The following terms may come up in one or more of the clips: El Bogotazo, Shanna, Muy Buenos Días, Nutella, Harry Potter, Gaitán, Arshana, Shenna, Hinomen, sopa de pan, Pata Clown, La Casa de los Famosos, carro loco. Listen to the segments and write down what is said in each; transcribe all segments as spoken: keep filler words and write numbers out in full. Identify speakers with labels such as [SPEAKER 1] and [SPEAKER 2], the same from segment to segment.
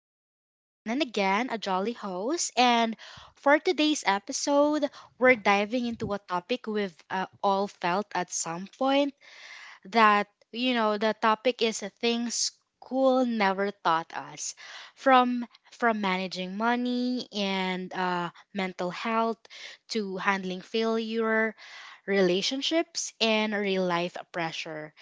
[SPEAKER 1] your host again and again, a jolly host. And for today's episode, we're diving into a topic we've uh, all felt at some point. That you know, the topic is things school never taught us, from from managing money and uh, mental health to handling failure, relationships, and real life pressure.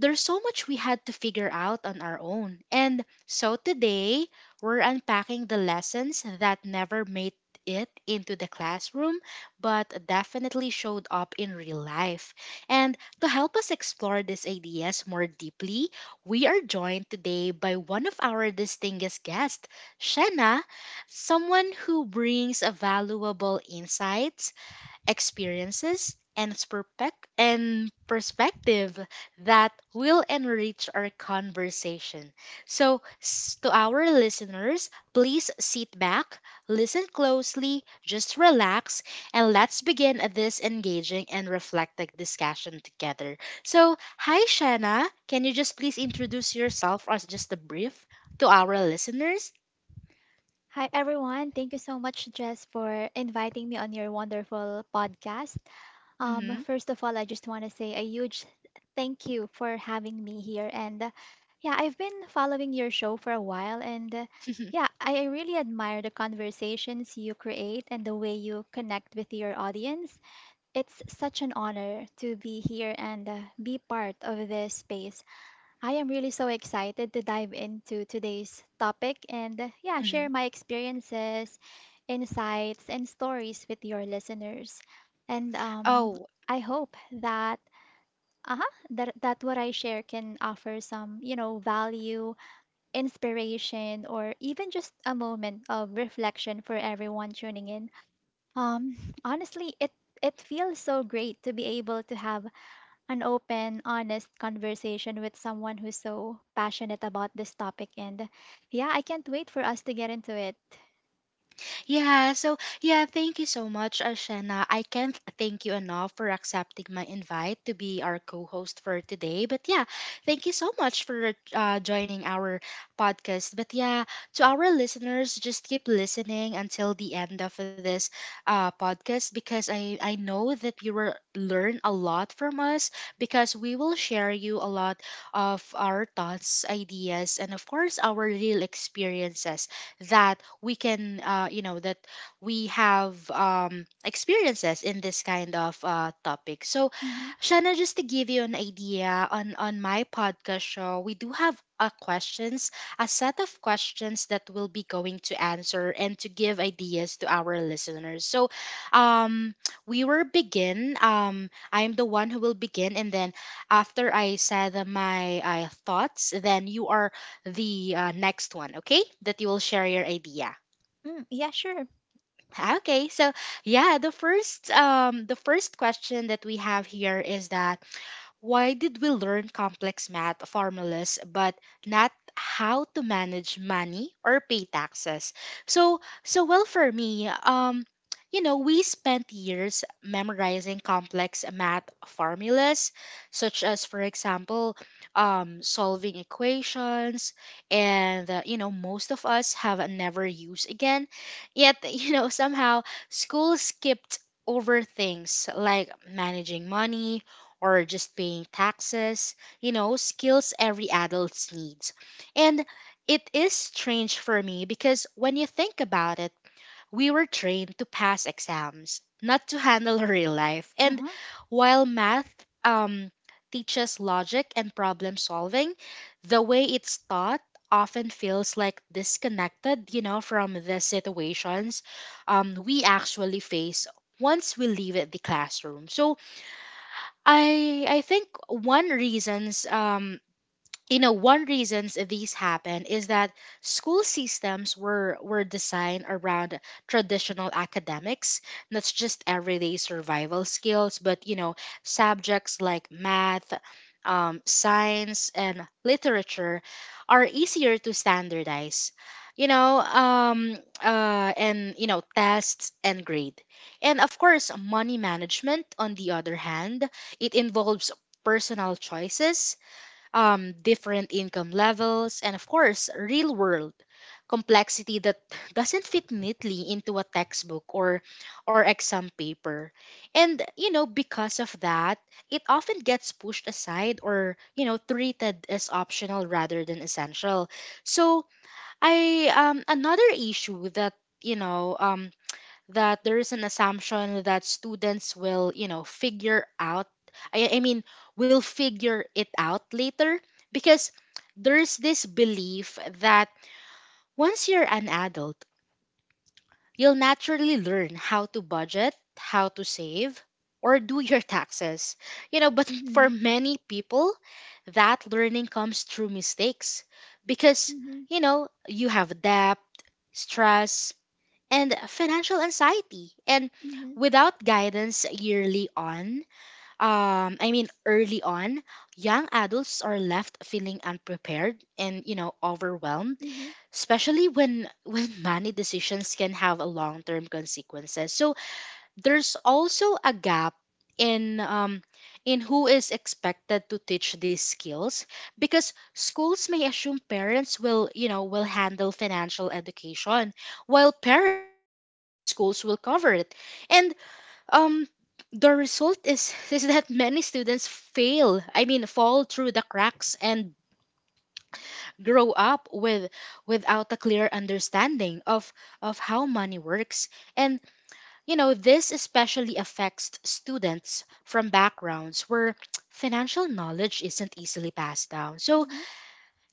[SPEAKER 1] There's so much we had to figure out on our own. And so today, we're unpacking the lessons that never made it into the classroom, but definitely showed up in real life. And to help us explore these ideas more deeply, we are joined today by one of our distinguished guests, Shenna, someone who brings a valuable insights experiences, and, perspec- and perspective that will enrich our conversation. So, s- to our listeners, please sit back, listen closely, just relax, and let's begin this engaging and reflective discussion together. So, hi, Shanna. Can you just please introduce yourself as just a brief to our listeners?
[SPEAKER 2] Hi, everyone. Thank you so much, Jess, for inviting me on your wonderful podcast. Um,
[SPEAKER 1] Hmm.
[SPEAKER 2] first of all, I just want to say a huge thank you for having me here. And uh, yeah, I've been following your show for a while. And uh, yeah, I I really admire the conversations you create and the way you connect with your audience. It's such an honor to be here and uh, be part of this space. I am really so excited to dive into today's topic and, uh, yeah, share
[SPEAKER 1] Hmm.
[SPEAKER 2] my experiences, insights, and stories with your listeners. And um,
[SPEAKER 1] Oh.
[SPEAKER 2] I hope that uh-huh, that that what I share can offer some, you know, value, inspiration, or even just a moment of reflection for everyone tuning in. Um, Honestly, it it feels so great to be able to have an open, honest conversation with someone who's so passionate about this topic. And yeah, I can't wait for us to get into it.
[SPEAKER 1] Yeah, so yeah, thank you so much, Arshana. I can't thank you enough for accepting my invite to be our co-host for today. But yeah, thank you so much for uh, joining our podcast. But yeah, to our listeners, just keep listening until the end of this uh, podcast because I I know that you will learn a lot from us because we will share you a lot of our thoughts, ideas, and of course our real experiences that we can uh, you know that we have um, experiences in this kind of uh, topic. So
[SPEAKER 2] Hmm.
[SPEAKER 1] Shanna, just to give you an idea on on my podcast show, we do have uh, questions, a set of questions that we'll be going to answer and to give ideas to our listeners. So, um, we will begin. Um, I'm the one who will begin, and then after I said my uh, thoughts, then you are the uh, next one, okay? That you will share your idea.
[SPEAKER 2] Mm, yeah, sure.
[SPEAKER 1] Okay, so yeah, the first um the first question that we have here is that why did we learn complex math formulas but not how to manage money or pay taxes? So, so well for me, um, you know, we spent years memorizing complex math formulas, such as, for example, um, solving equations, and uh, you know, most of us have never used again. Yet, you know, somehow school skipped over things like managing money or just paying taxes, you know, skills every adult needs. And it is strange for me because when you think about it, we were trained to pass exams, not to handle real life.
[SPEAKER 2] Uh
[SPEAKER 1] And
[SPEAKER 2] huh.
[SPEAKER 1] while math um, teaches logic and problem solving, the way it's taught often feels like disconnected, you know, from the situations um, we actually face once we leave the classroom. So I I think one reasons um you know one reasons these happen is that school systems were were designed around traditional academics not just everyday survival skills, but you know subjects like math, um, science and literature are easier to standardize, you know um, uh, and you know tests and grade. And of course money management, on the other hand, it involves personal choices, um, different income levels, and of course, real world complexity that doesn't fit neatly into a textbook or or exam paper. And you know, because of that, it often gets pushed aside or you know treated as optional rather than essential. So I um another issue that you know um that there is an assumption that students will, you know, figure out, I, I mean, will figure it out later because there's this belief that once you're an adult, you'll naturally learn how to budget, how to save, or do your taxes. You know, but
[SPEAKER 2] Mm-hmm.
[SPEAKER 1] for many people, that learning comes through mistakes because,
[SPEAKER 2] Mm-hmm.
[SPEAKER 1] you know, you have debt, stress, and financial anxiety. And
[SPEAKER 2] Mm-hmm.
[SPEAKER 1] without guidance yearly on, um, I mean early on, young adults are left feeling unprepared and you know overwhelmed,
[SPEAKER 2] Mm-hmm.
[SPEAKER 1] especially when when money decisions can have a long term consequences. So there's also a gap in um, in who is expected to teach these skills because schools may assume parents will you know will handle financial education while parents assume schools will cover it. And um the result is is that many students fail I mean fall through the cracks and grow up with without a clear understanding of of how money works. And you know, this especially affects students from backgrounds where financial knowledge isn't easily passed down. So,
[SPEAKER 2] Mm-hmm.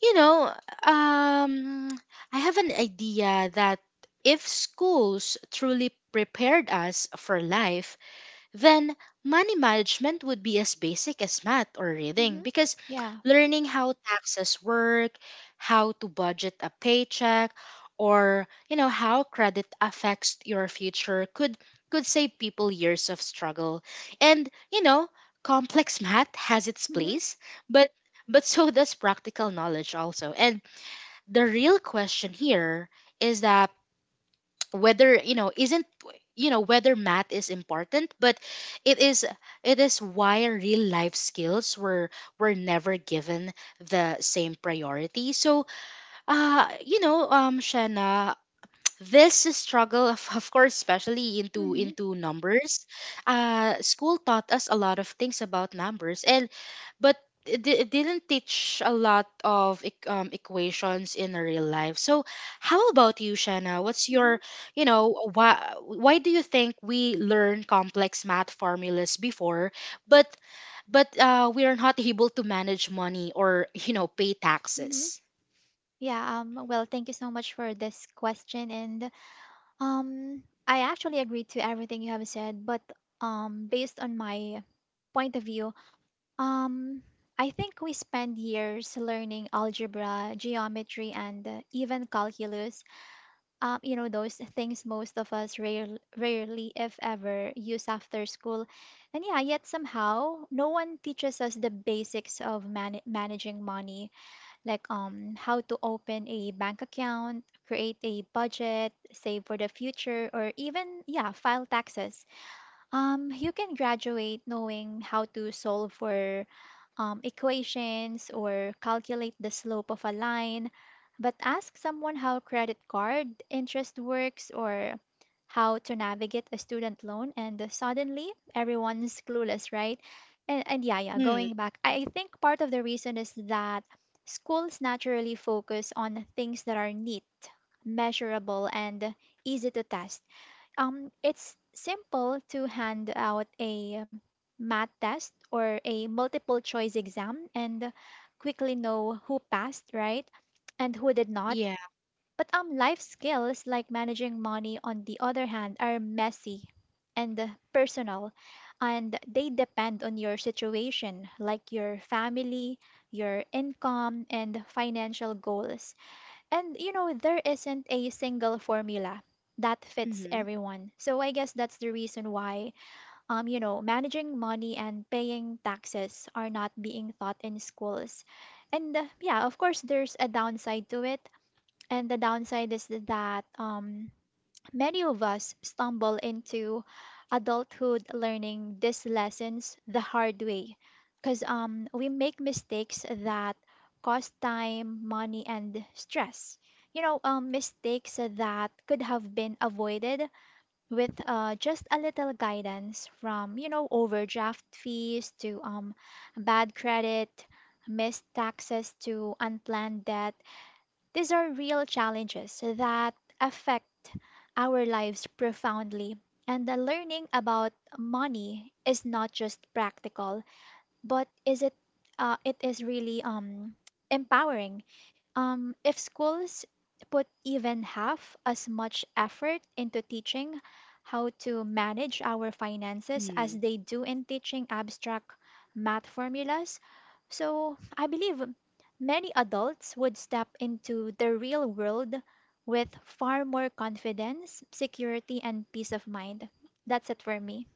[SPEAKER 1] you know, um, I have an idea that if schools truly prepared us for life, then money management would be as basic as math or reading,
[SPEAKER 2] Mm-hmm.
[SPEAKER 1] because
[SPEAKER 2] Yeah.
[SPEAKER 1] learning how taxes work, how to budget a paycheck, or you know how credit affects your future could could save people years of struggle. And you know, complex math has its
[SPEAKER 2] Mm-hmm.
[SPEAKER 1] place, but but so does practical knowledge also. And the real question here is that whether you know isn't you know whether math is important, but it is it is why real life skills were were never given the same priority. So uh you know um Shanna, this struggle of, of course especially into
[SPEAKER 2] Mm-hmm.
[SPEAKER 1] into numbers, uh school taught us a lot of things about numbers, and but it, di- it didn't teach a lot of eq- um, equations in real life. So how about you Shanna, what's
[SPEAKER 2] Mm-hmm.
[SPEAKER 1] your, you know, why why do you think we learn complex math formulas before, but but uh, we are not able to manage money or you know pay
[SPEAKER 2] Mm-hmm.
[SPEAKER 1] taxes?
[SPEAKER 2] Yeah. Um. Well, thank you so much for this question, and um, I actually agree to everything you have said, but um, based on my point of view. Um, I think we spend years learning algebra, geometry, and uh, even calculus. Um, you know, those things most of us rare, rarely, if ever, use after school. And yeah, yet somehow no one teaches us the basics of man- managing money, like um, how to open a bank account, create a budget, save for the future, or even, yeah, file taxes. Um, you can graduate knowing how to solve for um, equations or calculate the slope of a line, but ask someone how credit card interest works or how to navigate a student loan, and suddenly everyone's clueless, right? And, and yeah, yeah,
[SPEAKER 1] Hmm.
[SPEAKER 2] going back, I I think part of the reason is that schools naturally focus on things that are neat, measurable, and easy to test. Um, it's simple to hand out a math test or a multiple choice exam and quickly know who passed, right? And who did not.
[SPEAKER 1] Yeah.
[SPEAKER 2] But um, life skills like managing money, on the other hand, are messy and uh, personal, and they depend on your situation, like your family, your income, and financial goals. And you know, there isn't a single formula that fits
[SPEAKER 1] Mm-hmm.
[SPEAKER 2] everyone. So I guess that's the reason why um you know, managing money and paying taxes are not being taught in schools. And uh, yeah, of course there's a downside to it. And the downside is that um many of us stumble into adulthood learning these lessons the hard way because um, we make mistakes that cost time, money, and stress. You know, um, mistakes that could have been avoided with uh, just a little guidance. From, you know, overdraft fees to um, bad credit, missed taxes to unplanned debt, these are real challenges that affect our lives profoundly. And the learning about money is not just practical, but is it uh, it is really um empowering. Um, if schools put even half as much effort into teaching how to manage our finances as they do in teaching abstract math formulas, so I believe many adults would step into the real world with far more confidence, security, and peace of mind. That's it for me.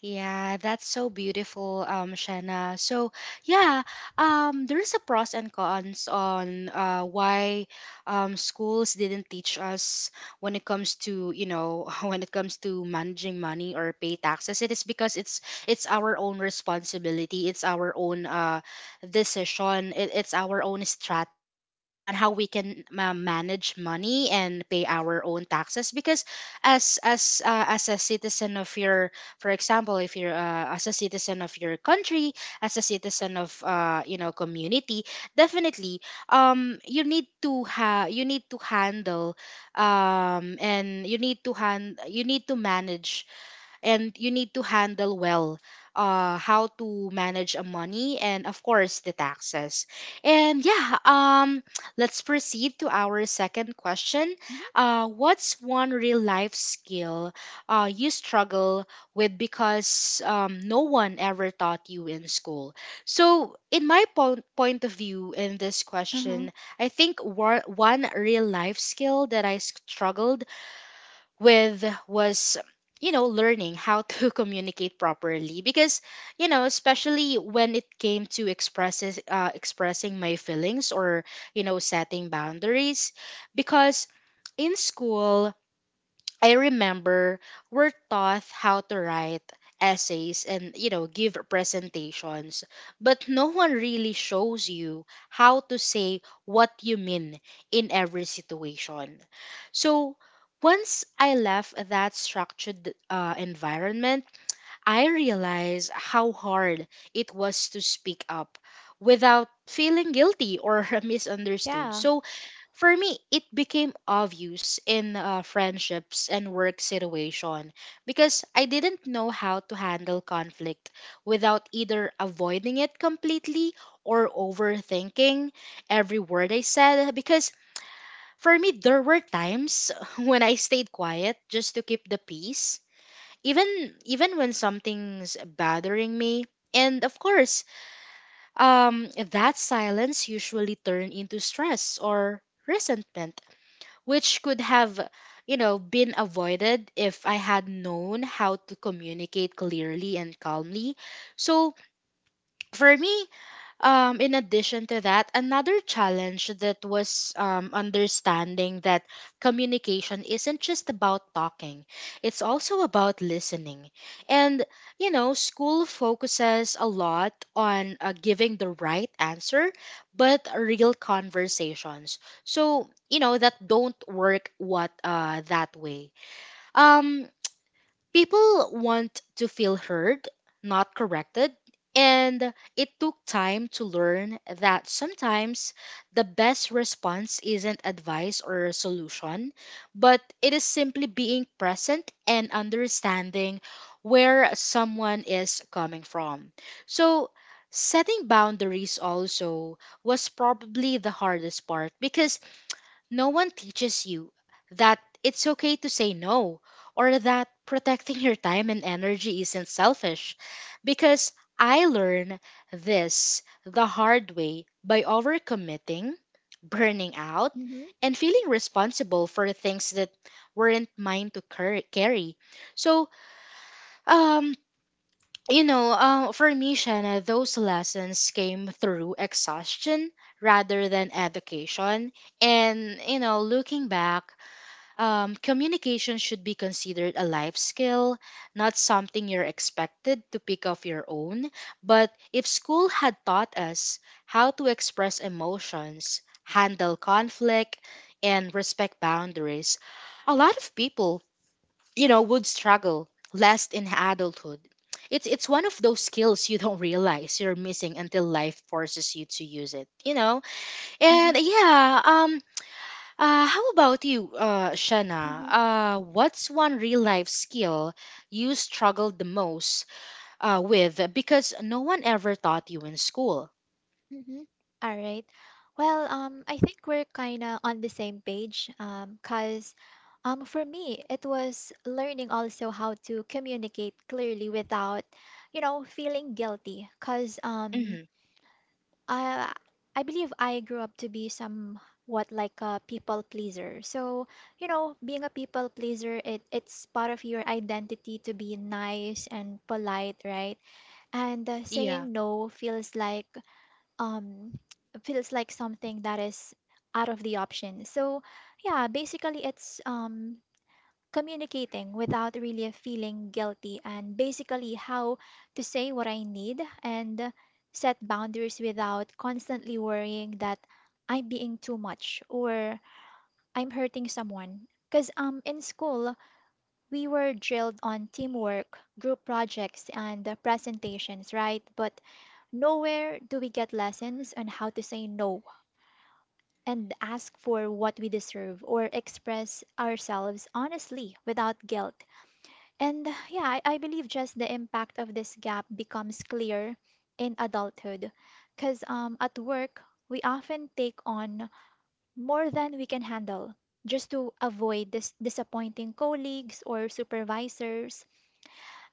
[SPEAKER 1] Yeah, that's so beautiful, um, Shanna. So yeah, um, there's a pros and cons on uh, why um, schools didn't teach us when it comes to you know when it comes to managing money or pay taxes. It is because it's it's our own responsibility. It's our own uh, decision. It, it's our own strategy on how we can uh, manage money and pay our own taxes. Because as as uh, as a citizen of your, for example, if you're uh, as a citizen of your country, as a citizen of uh, you know community, definitely um you need to ha you need to handle, um and you need to hand you need to manage, and you need to handle well uh, how to manage a money and of course the taxes. And yeah, um let's proceed to our second question.
[SPEAKER 2] Hmm.
[SPEAKER 1] uh, what's one real life skill uh, you struggle with because um, no one ever taught you in school. So in my po- point of view in this
[SPEAKER 2] Uh-huh.
[SPEAKER 1] question, i think war- one real life skill that I struggled with was, you know, learning how to communicate properly, because you know especially when it came to expresses uh, expressing my feelings or you know setting boundaries. Because in school, I remember we're taught how to write essays and you know give presentations, but no one really shows you how to say what you mean in every situation. So once I left that structured uh, environment, I realized how hard it was to speak up without feeling guilty or misunderstood.
[SPEAKER 2] Yeah.
[SPEAKER 1] So, for me, it became obvious in uh, friendships and work situation, because I didn't know how to handle conflict without either avoiding it completely or overthinking every word I said. Because for me, there were times when I stayed quiet just to keep the peace, even even when something's bothering me. And of course, um that silence usually turn into stress or resentment, which could have you know been avoided if I had known how to communicate clearly and calmly. So for me, um, in addition to that, another challenge that was, um, understanding that communication isn't just about talking, it's also about listening. And, you know, school focuses a lot on uh, giving the right answer, but real conversations. So, you know, that don't work what uh, that way. Um, People want to feel heard, not corrected, and it took time to learn that sometimes the best response isn't advice or a solution, but it is simply being present and understanding where someone is coming from. So, setting boundaries also was probably the hardest part, because no one teaches you that it's okay to say no, or that protecting your time and energy isn't selfish. Because I learned this the hard way by overcommitting, burning out,
[SPEAKER 2] Mm-hmm.
[SPEAKER 1] and feeling responsible for things that weren't mine to car- carry. So, um, you know, uh, for me, Shanna, those lessons came through exhaustion rather than education. And, you know, looking back, um, communication should be considered a life skill, not something you're expected to pick off your own. But if school had taught us how to express emotions, handle conflict, and respect boundaries, a lot of people, you know, would struggle less in adulthood. It's it's one of those skills you don't realize you're missing until life forces you to use it, you know? And yeah, um uh, how about you, uh, Shana?
[SPEAKER 2] Hmm.
[SPEAKER 1] Uh, what's one real life skill you struggled the most uh, with because no one ever taught you in school?
[SPEAKER 2] Mm-hmm. All right. Well, um, I think we're kind of on the same page, um, cause um, for me, it was learning also how to communicate clearly without, you know, feeling guilty. Cause um,
[SPEAKER 1] Hmm.
[SPEAKER 2] I I believe I grew up to be somewhat like a people pleaser. So, you know, being a people pleaser, it it's part of your identity to be nice and polite, right? And uh,
[SPEAKER 1] Yeah.
[SPEAKER 2] saying no feels like um feels like something that is out of the option. So yeah, basically it's um communicating without really feeling guilty, and basically how to say what I need and set boundaries without constantly worrying that I'm being too much or I'm hurting someone. Because um in school we were drilled on teamwork, group projects, and uh, presentations, right? But nowhere do we get lessons on how to say no and ask for what we deserve or express ourselves honestly without guilt. And yeah, I, I believe just the impact of this gap becomes clear in adulthood. Because um, at work, we often take on more than we can handle just to avoid dis- disappointing colleagues or supervisors,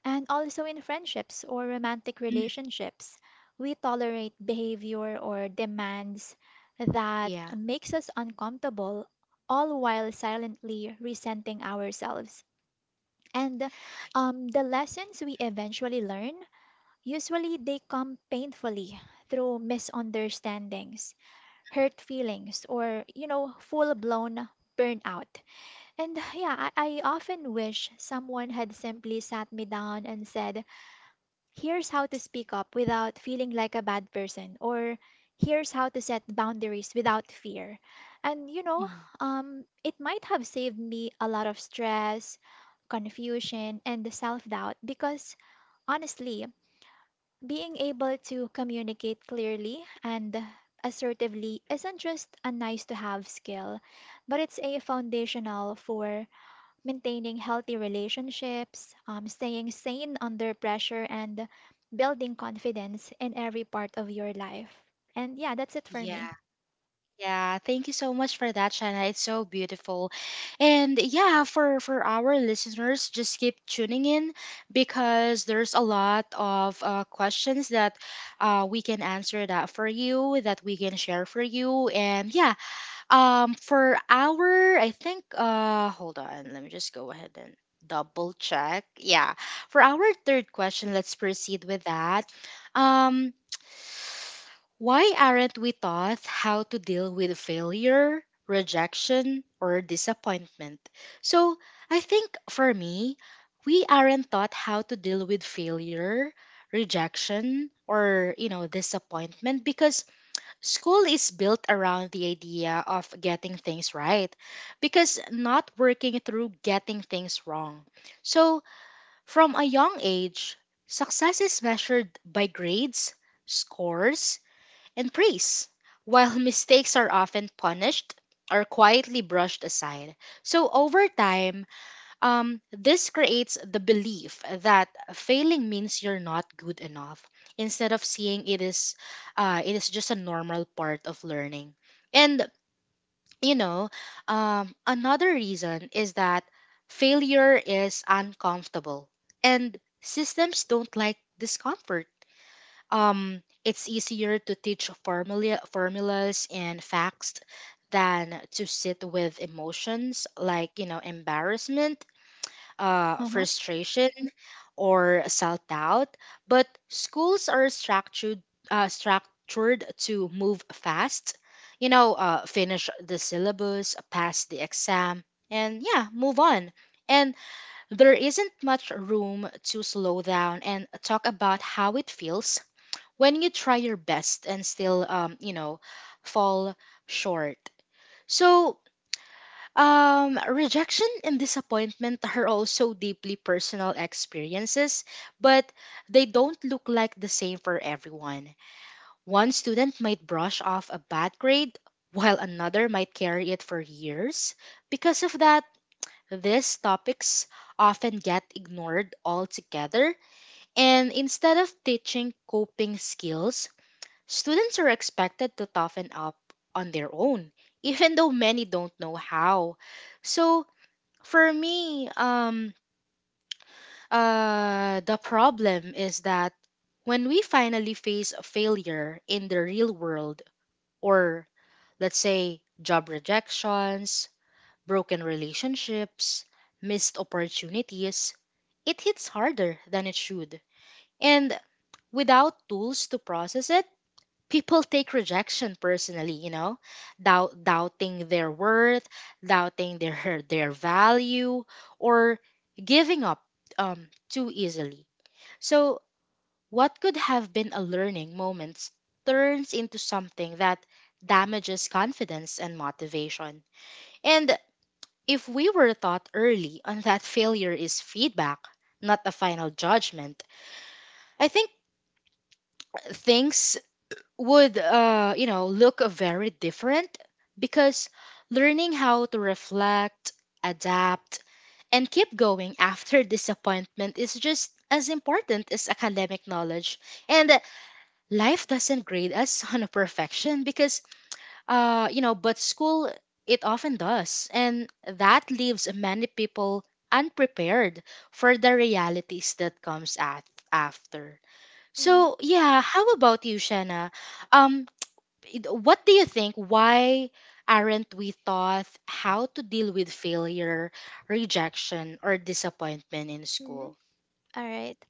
[SPEAKER 2] and also in friendships or romantic
[SPEAKER 1] Mhm.
[SPEAKER 2] relationships, we tolerate behavior or demands that
[SPEAKER 1] Yeah.
[SPEAKER 2] makes us uncomfortable, all while silently resenting ourselves. And um, the lessons we eventually learn, usually they come painfully through misunderstandings, hurt feelings, or, you know, full-blown burnout. And yeah, I, I often wish someone had simply sat me down and said, here's how to speak up without feeling like a bad person, or here's how to set boundaries without fear. And you know
[SPEAKER 1] Mhm.
[SPEAKER 2] um it might have saved me a lot of stress, confusion, and the self-doubt. Because honestly, being able to communicate clearly and assertively isn't just a nice to have skill, but it's a foundational for maintaining healthy relationships, um, staying sane under pressure, and building confidence in every part of your life. And yeah, that's it for me.
[SPEAKER 1] Yeah. Yeah. Thank you so much for that, Shana. It's so beautiful. And yeah, for, for our listeners, just keep tuning in because there's a lot of uh, questions that uh, we can answer that for you, that we can share for you. And yeah, Um, for our, I think, uh, hold on, let me just go ahead and double check. Yeah, for our third question, let's proceed with that. Um, why aren't we taught how to deal with failure, rejection, or disappointment? So, I think for me, we aren't taught how to deal with failure, rejection, or, you know, disappointment because school is built around the idea of getting things right because not working through getting things wrong. So, from a young age, success is measured by grades, scores, and praise, while mistakes are often punished or quietly brushed aside. So, over time, um, this creates the belief that failing means you're not good enough, instead of seeing it is, uh, it is just a normal part of learning. And you know, um, another reason is that failure is uncomfortable, and systems don't like discomfort. Um, it's easier to teach formula formulas and facts than to sit with emotions like you know embarrassment, uh,
[SPEAKER 2] Uh-huh.
[SPEAKER 1] frustration, or self doubt. But schools are structured uh, structured to move fast. You know, uh, finish the syllabus, pass the exam, and yeah, move on. And there isn't much room to slow down and talk about how it feels when you try your best and still, um, you know, fall short. So, um, rejection and disappointment are also deeply personal experiences, but they don't look like the same for everyone. One student might brush off a bad grade, while another might carry it for years. Because of that, these topics often get ignored altogether, and instead of teaching coping skills, students are expected to toughen up on their own, even though many don't know how. So, for me, um, uh, the problem is that when we finally face a failure in the real world, or let's say job rejections, broken relationships, missed opportunities, it hits harder than it should. And without tools to process it, people take rejection personally. You know doubt, doubting their worth, doubting their their value, or giving up um, too easily. So what could have been a learning moment turns into something that damages confidence and motivation. And if we were taught early on that failure is feedback, not a final judgment, i think things would uh, you know look very different, because learning how to reflect, adapt, and keep going after disappointment is just as important as academic knowledge. And life doesn't grade us on a perfection because, uh, you know but school, it often does, and that leaves many people unprepared for the realities that comes at after. So yeah, how about you, Shanna? um it- what do you think? Why aren't we taught how to deal with failure, rejection, or disappointment in
[SPEAKER 2] Mm-hmm.
[SPEAKER 1] school?
[SPEAKER 2] All right.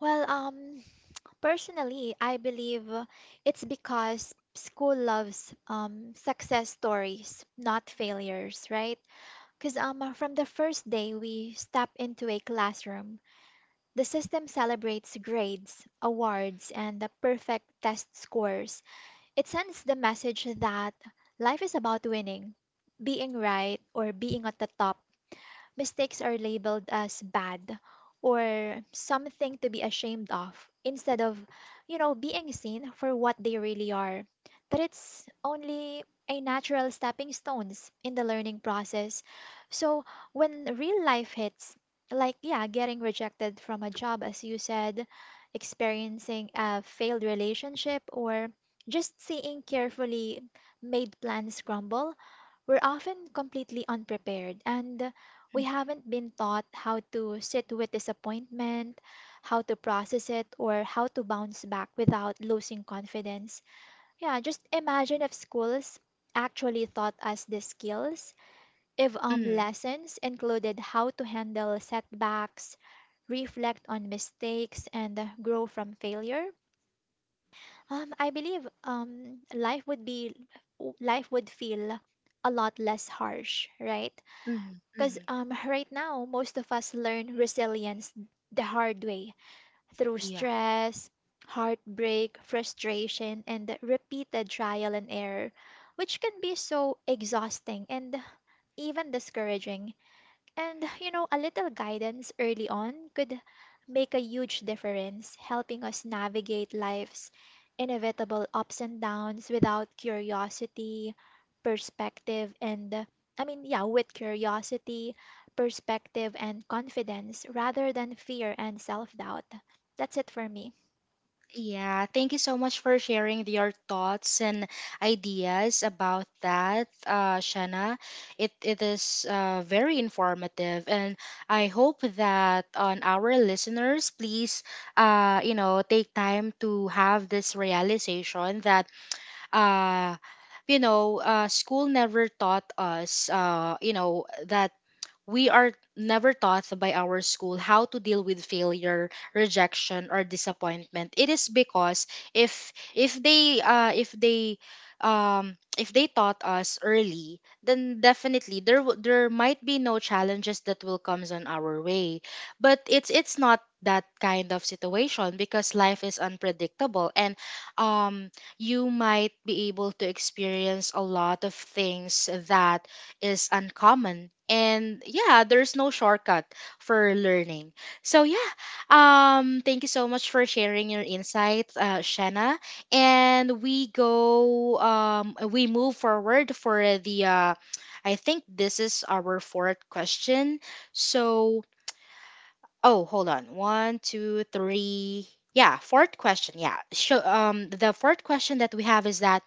[SPEAKER 2] Well, um, personally, I believe uh, it's because school loves um, success stories, not failures, right? Because um, uh, from the first day we step into a classroom, the system celebrates grades, awards, and the perfect test scores. It sends the message that life is about winning, being right, or being at the top. Mistakes are labeled as bad or something to be ashamed of, instead of, you know, being seen for what they really are. That it's only a natural stepping stones in the learning process. So when real life hits, like yeah, getting rejected from a job as you said, experiencing a failed relationship or just seeing carefully made plans crumble, we're often completely unprepared, and we haven't been taught how to sit with disappointment, how to process it, or how to bounce back without losing confidence. Yeah, just imagine if schools actually taught us the skills, if um,
[SPEAKER 1] Mm.
[SPEAKER 2] lessons included how to handle setbacks, reflect on mistakes, and uh, grow from failure. Um, I believe um, life would be life would feel a lot less harsh, right?
[SPEAKER 1] Mm.
[SPEAKER 2] Because
[SPEAKER 1] Mm.
[SPEAKER 2] um, right now, most of us learn resilience the hard way, through
[SPEAKER 1] Yeah.
[SPEAKER 2] stress, heartbreak, frustration, and repeated trial and error, which can be so exhausting and even discouraging. And, you know, a little guidance early on could make a huge difference, helping us navigate life's inevitable ups and downs without curiosity, perspective, and uh, I mean, yeah, with curiosity, perspective, and confidence rather than fear and self-doubt. That's it for me.
[SPEAKER 1] Yeah, thank you so much for sharing your thoughts and ideas about that, uh, Shanna. It it is uh, very informative, and I hope that on our listeners, please, uh, you know, take time to have this realization that uh you know uh school never taught us, uh you know that we are never taught by our school how to deal with failure, rejection, or disappointment. It is because if if they uh, if they um, if they taught us early, then definitely there w- there might be no challenges that will comes on our way. But it's it's not that kind of situation because life is unpredictable, and um, you might be able to experience a lot of things that is uncommon. And yeah, there's no shortcut for learning. So yeah, um thank you so much for sharing your insights, uh Shanna. And we go um we move forward for the, uh I think this is our fourth question. So, oh, hold on, one two three. Yeah, fourth question. Yeah, so um the fourth question that we have is that,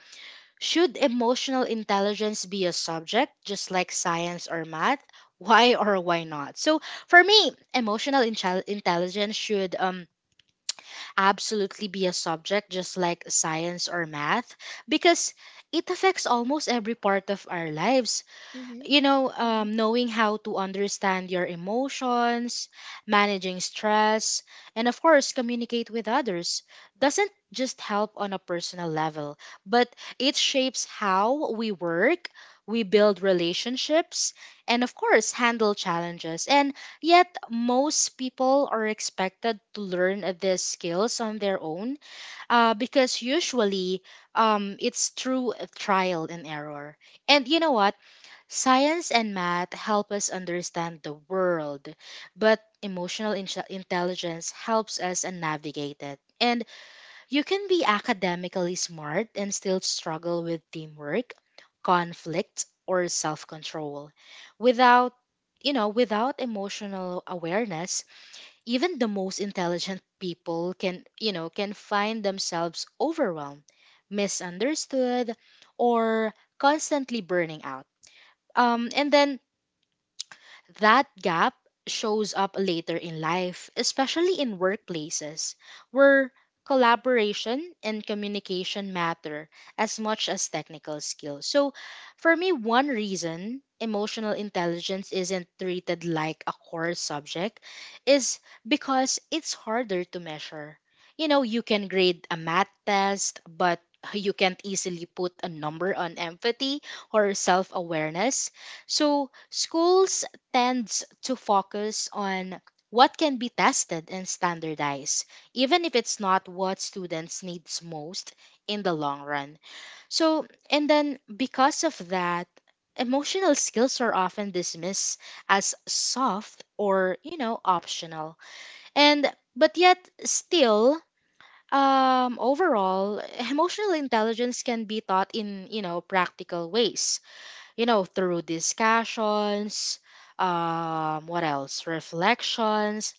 [SPEAKER 1] should emotional intelligence be a subject, just like science or math? Why or why not? So, for me, emotional intel- intelligence should, um, absolutely be a subject, just like science or math, because it affects almost every part of our lives.
[SPEAKER 2] Mm-hmm,
[SPEAKER 1] You know, um, knowing how to understand your emotions, managing stress, and of course, communicate with others doesn't just help on a personal level, but it shapes how we work, we build relationships, and of course, handle challenges. And yet, most people are expected to learn these skills on their own, uh, because usually um, it's through trial and error. And you know what? Science and math help us understand the world, but emotional inch- intelligence helps us and navigate it. And you can be academically smart and still struggle with teamwork, conflict, or self-control. Without, you know, without emotional awareness, even the most intelligent people can, you know, can find themselves overwhelmed, misunderstood, or constantly burning out. Um, and then that gap shows up later in life, especially in workplaces where collaboration and communication matter as much as technical skills. So, for me, one reason emotional intelligence isn't treated like a core subject is because it's harder to measure. You know, you can grade a math test, but you can't easily put a number on empathy or self awareness. So, schools tends to focus on what can be tested and standardized, even if it's not what students needs most in the long run. So, and then because of that, emotional skills are often dismissed as soft or, you know, optional. And but yet still, um overall, emotional intelligence can be taught in, you know, practical ways, you know, through discussions, um, what else? Reflections,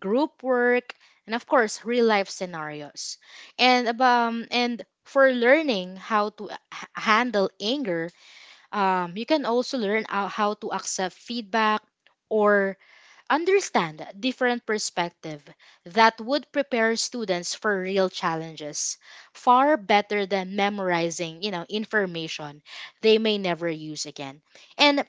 [SPEAKER 1] group work, and of course, real life scenarios. And ab- um, and for learning how to, uh, h- handle anger, um, you can also learn how, how to accept feedback, or understand different perspective that would prepare students for real challenges far better than memorizing, you know, information they may never use again. And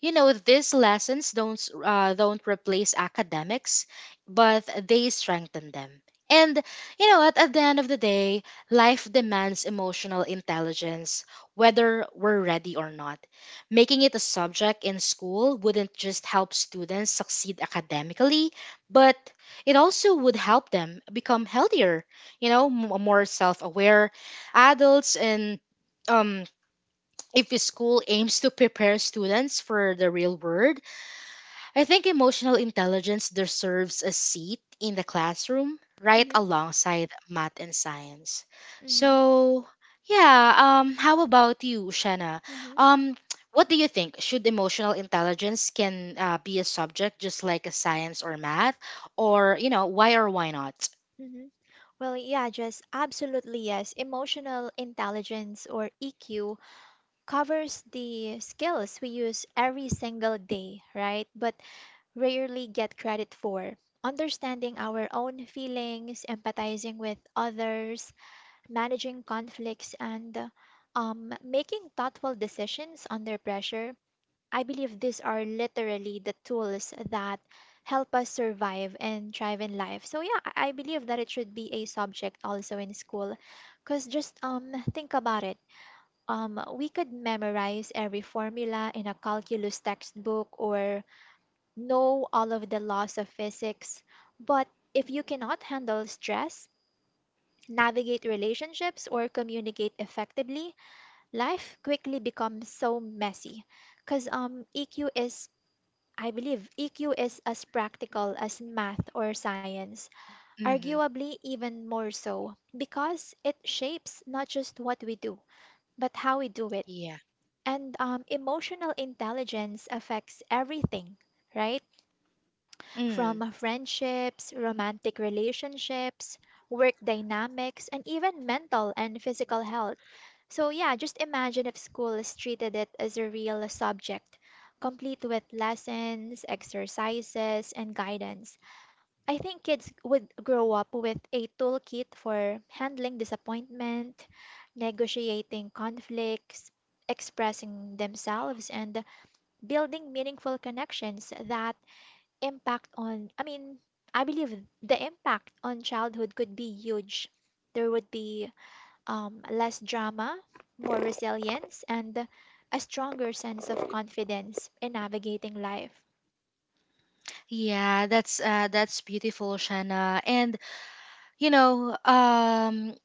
[SPEAKER 1] you know these lessons don't s- uh, don't replace academics, but they strengthen them. And you know what, at the end of the day, life demands emotional intelligence whether we're ready or not. Making it a subject in school wouldn't just help students succeed academically, but it also would help them become healthier, you know m- more self-aware adults. And um if the school aims to prepare students for the real world, I think emotional intelligence deserves a seat in the classroom right
[SPEAKER 2] mm-hmm,
[SPEAKER 1] alongside math and science.
[SPEAKER 2] mm-hmm,
[SPEAKER 1] So, yeah, um how about you, Shanna?
[SPEAKER 2] mm-hmm,
[SPEAKER 1] Um what do you think? Should emotional intelligence can, uh, be a subject just like a science or math, or, you know, why or why not?
[SPEAKER 2] mm-hmm. Well, yeah, just absolutely yes. Emotional intelligence or E Q covers the skills we use every single day, right? But rarely get credit for. Understanding our own feelings, empathizing with others, managing conflicts, and um, making thoughtful decisions under pressure. I believe these are literally the tools that help us survive and thrive in life. So, yeah, I I believe that it should be a subject also in school. Because just um, think about it, um, we could memorize every formula in a calculus textbook or know all of the laws of physics. But if you cannot handle stress, navigate relationships, or communicate effectively, life quickly becomes so messy. Because um, E Q is, I believe, E Q is as practical as math or science,
[SPEAKER 1] Mhm.
[SPEAKER 2] arguably even more so, because it shapes not just what we do, but how we do it.
[SPEAKER 1] Yeah.
[SPEAKER 2] And um, emotional intelligence affects everything, right?
[SPEAKER 1] Mm.
[SPEAKER 2] From friendships, romantic relationships, work dynamics, and even mental and physical health. So, yeah, just imagine if schools treated it as a real subject, complete with lessons, exercises, and guidance. I think kids would grow up with a toolkit for handling disappointment, negotiating conflicts, expressing themselves, and building meaningful connections. That impact on, I mean, I believe the impact on childhood could be huge. There would be um, less drama, more resilience, and a stronger sense of confidence in navigating life.
[SPEAKER 1] Yeah, that's uh that's beautiful, Shanna. And you know, um,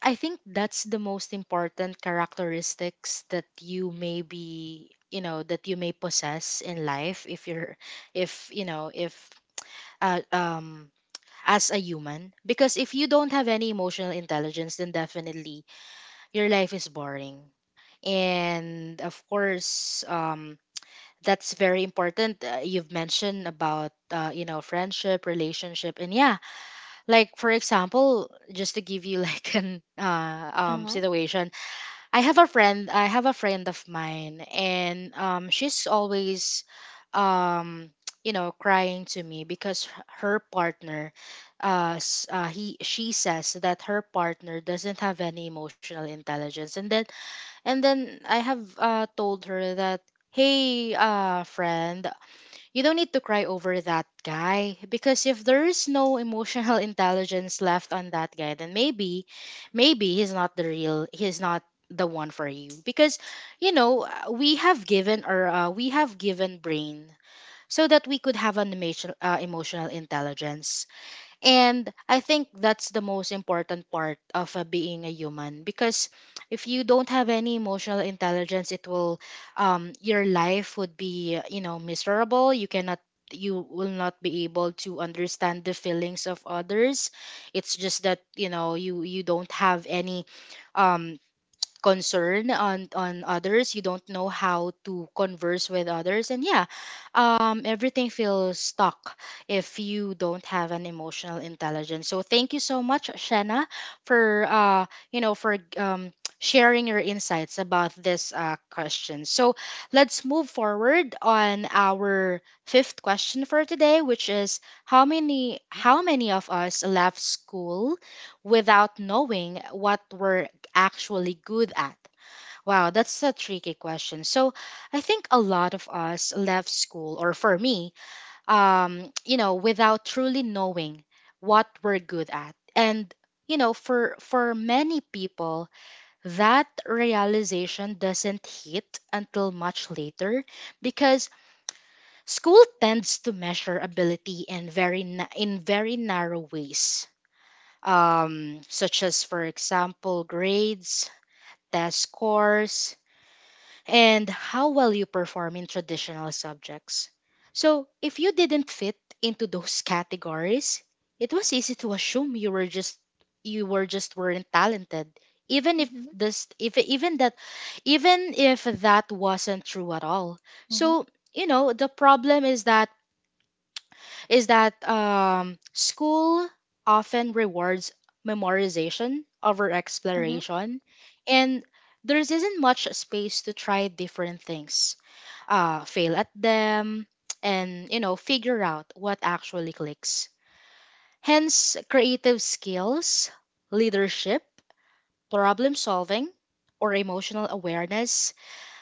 [SPEAKER 1] I think that's the most important characteristics that you may be, you know, that you may possess in life if you're, if, you know, if, uh, um, as a human. Because if you don't have any emotional intelligence, then definitely your life is boring. And of course, um, that's very important. Uh, you've mentioned about, uh, you know, friendship, relationship, and yeah, like for example, just to give you like an uh, um
[SPEAKER 2] Uh-huh.
[SPEAKER 1] situation. I have a friend i have a friend of mine, and um she's always, um you know crying to me because h- her partner, uh, s- uh he she says that her partner doesn't have any emotional intelligence. And then and then i have uh told her that, hey, uh friend, you don't need to cry over that guy, because if there is no emotional intelligence left on that guy, then maybe, maybe he's not the real, he's not the one for you, because you know uh, we have given or uh, we have given brain so that we could have an emotional uh, emotional intelligence. And I think that's the most important part of, uh, being a human, because if you don't have any emotional intelligence, it will, um, your life would be, you know, miserable. You cannot, you will not be able to understand the feelings of others. It's just that, you know, you, you don't have any, um, concern on on others. You don't know how to converse with others. And yeah, um everything feels stuck if you don't have an emotional intelligence. So thank you so much, Shanna, for uh you know for um sharing your insights about this uh question. So let's move forward on our fifth question for today, which is, how many how many of us left school without knowing what were actually good at? Wow, that's a tricky question. So, I think a lot of us left school, or for me, um, you know, without truly knowing what we're good at. And, you know, for for many people, that realization doesn't hit until much later because school tends to measure ability in very na- in very narrow ways, um, such as, for example, grades, test scores, and how well you perform in traditional subjects. So, if you didn't fit into those categories, it was easy to assume you were just you were just weren't talented, even if
[SPEAKER 2] Mm-hmm.
[SPEAKER 1] this if even that even if that wasn't true at all.
[SPEAKER 2] Uh-huh.
[SPEAKER 1] So, you know, the problem is that is that um, school often rewards memorization over exploration, and there isn't much space to try different things, uh, fail at them, and, you know, figure out what actually clicks. Hence, creative skills, leadership, problem solving, or emotional awareness,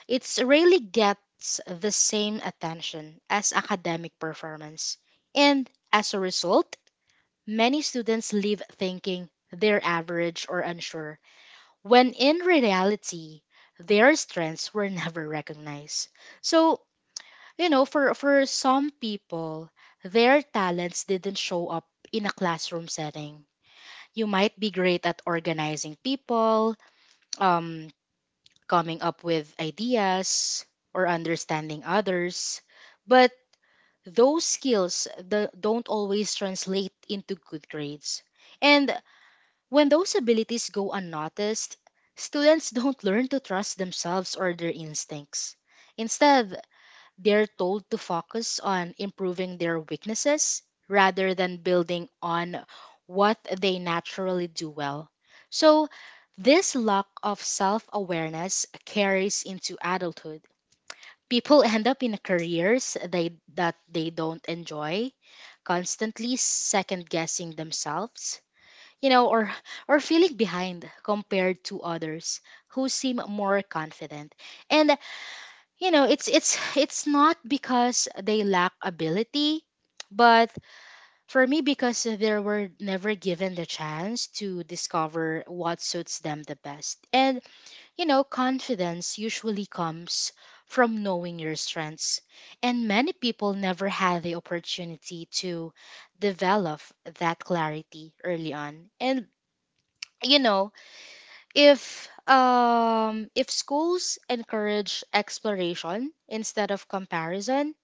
[SPEAKER 1] it's rarely gets the same attention as academic performance. And as a result, many students leave thinking they're average or unsure, when in reality, their strengths were never recognized. So, you know, for, for some people, their talents didn't show up in a classroom setting. You might be great at organizing people, um, coming up with ideas, or understanding others, but those skills the, don't always translate into good grades. And when those abilities go unnoticed, students don't learn to trust themselves or their instincts. Instead, they're told to focus on improving their weaknesses rather than building on what they naturally do well. So, this lack of self awareness carries into adulthood. People end up in careers they, that they don't enjoy, constantly second guessing themselves, you know, or or feeling behind compared to others who seem more confident. And, you know, it's it's it's not because they lack ability, but for me, because they were never given the chance to discover what suits them the best. And, you know, confidence usually comes from knowing your strengths. And many people never had the opportunity to develop that clarity early on. And, you know, if um if schools encourage exploration instead of comparison,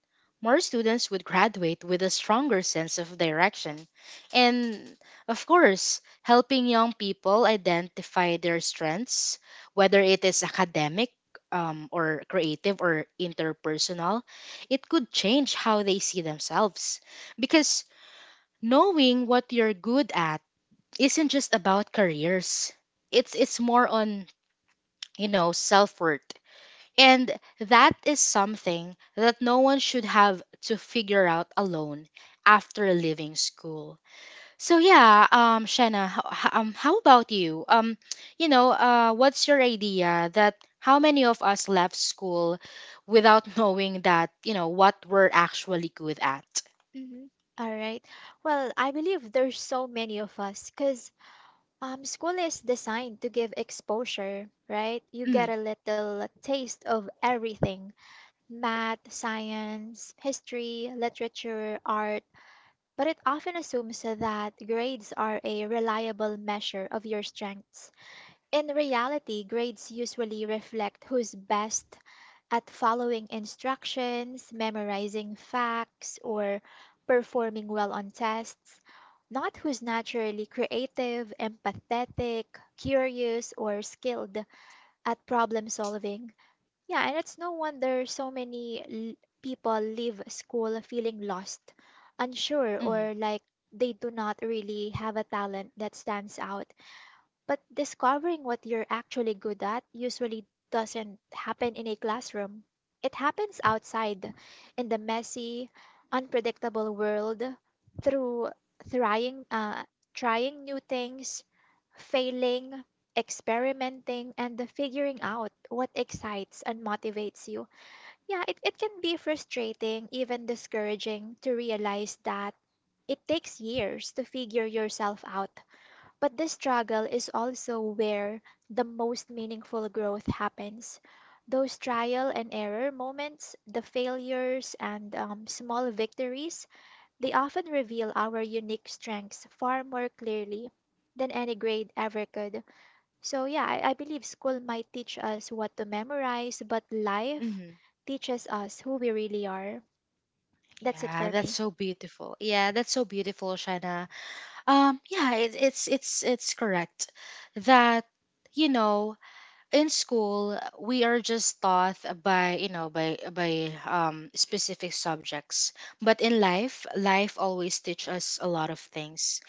[SPEAKER 1] more students would graduate with a stronger sense of direction, and, of course, helping young people identify their strengths, whether it is academic, um, or creative or interpersonal, it could change how they see themselves, because knowing what you're good at isn't just about careers. It's it's more on, you know, self worth. And that is something that no one should have to figure out alone after leaving school. So yeah, um, Shanna, h- h- um, how about you? Um, you know, uh, what's your idea that how many of us left school without knowing that, you know, what we're actually good at?
[SPEAKER 2] Mhm. All right. Well, I believe there's so many of us because um, school is designed to give exposure, right? You get
[SPEAKER 1] Mm,
[SPEAKER 2] a little taste of everything: math, science, history, literature, art. But it often assumes that grades are a reliable measure of your strengths. In reality, grades usually reflect who's best at following instructions, memorizing facts, or performing well on tests, not who's naturally creative, empathetic, curious, or skilled at problem solving. Yeah, and it's no wonder so many l- people leave school feeling lost, unsure,
[SPEAKER 1] mm,
[SPEAKER 2] or like they do not really have a talent that stands out. But discovering what you're actually good at usually doesn't happen in a classroom. It happens outside, in the messy, unpredictable world, through trying, uh, trying new things, failing, experimenting, and figuring out what excites and motivates you. Yeah, it, it can be frustrating, even discouraging, to realize that it takes years to figure yourself out, but the struggle is also where the most meaningful growth happens. Those trial and error moments, the failures and um, small victories, they often reveal our unique strengths far more clearly than any grade ever could. So, yeah, I, I believe school might teach us what to memorize, but life
[SPEAKER 1] mm.
[SPEAKER 2] teaches us who we really are. That's it
[SPEAKER 1] Yeah,
[SPEAKER 2] for
[SPEAKER 1] that's
[SPEAKER 2] me.
[SPEAKER 1] so beautiful. Yeah, that's so beautiful, Shanna. Um, yeah, it, it's it's it's correct that, you know, in school we are just taught by, you know, by by um specific subjects, but in life, life always teach us a lot of things.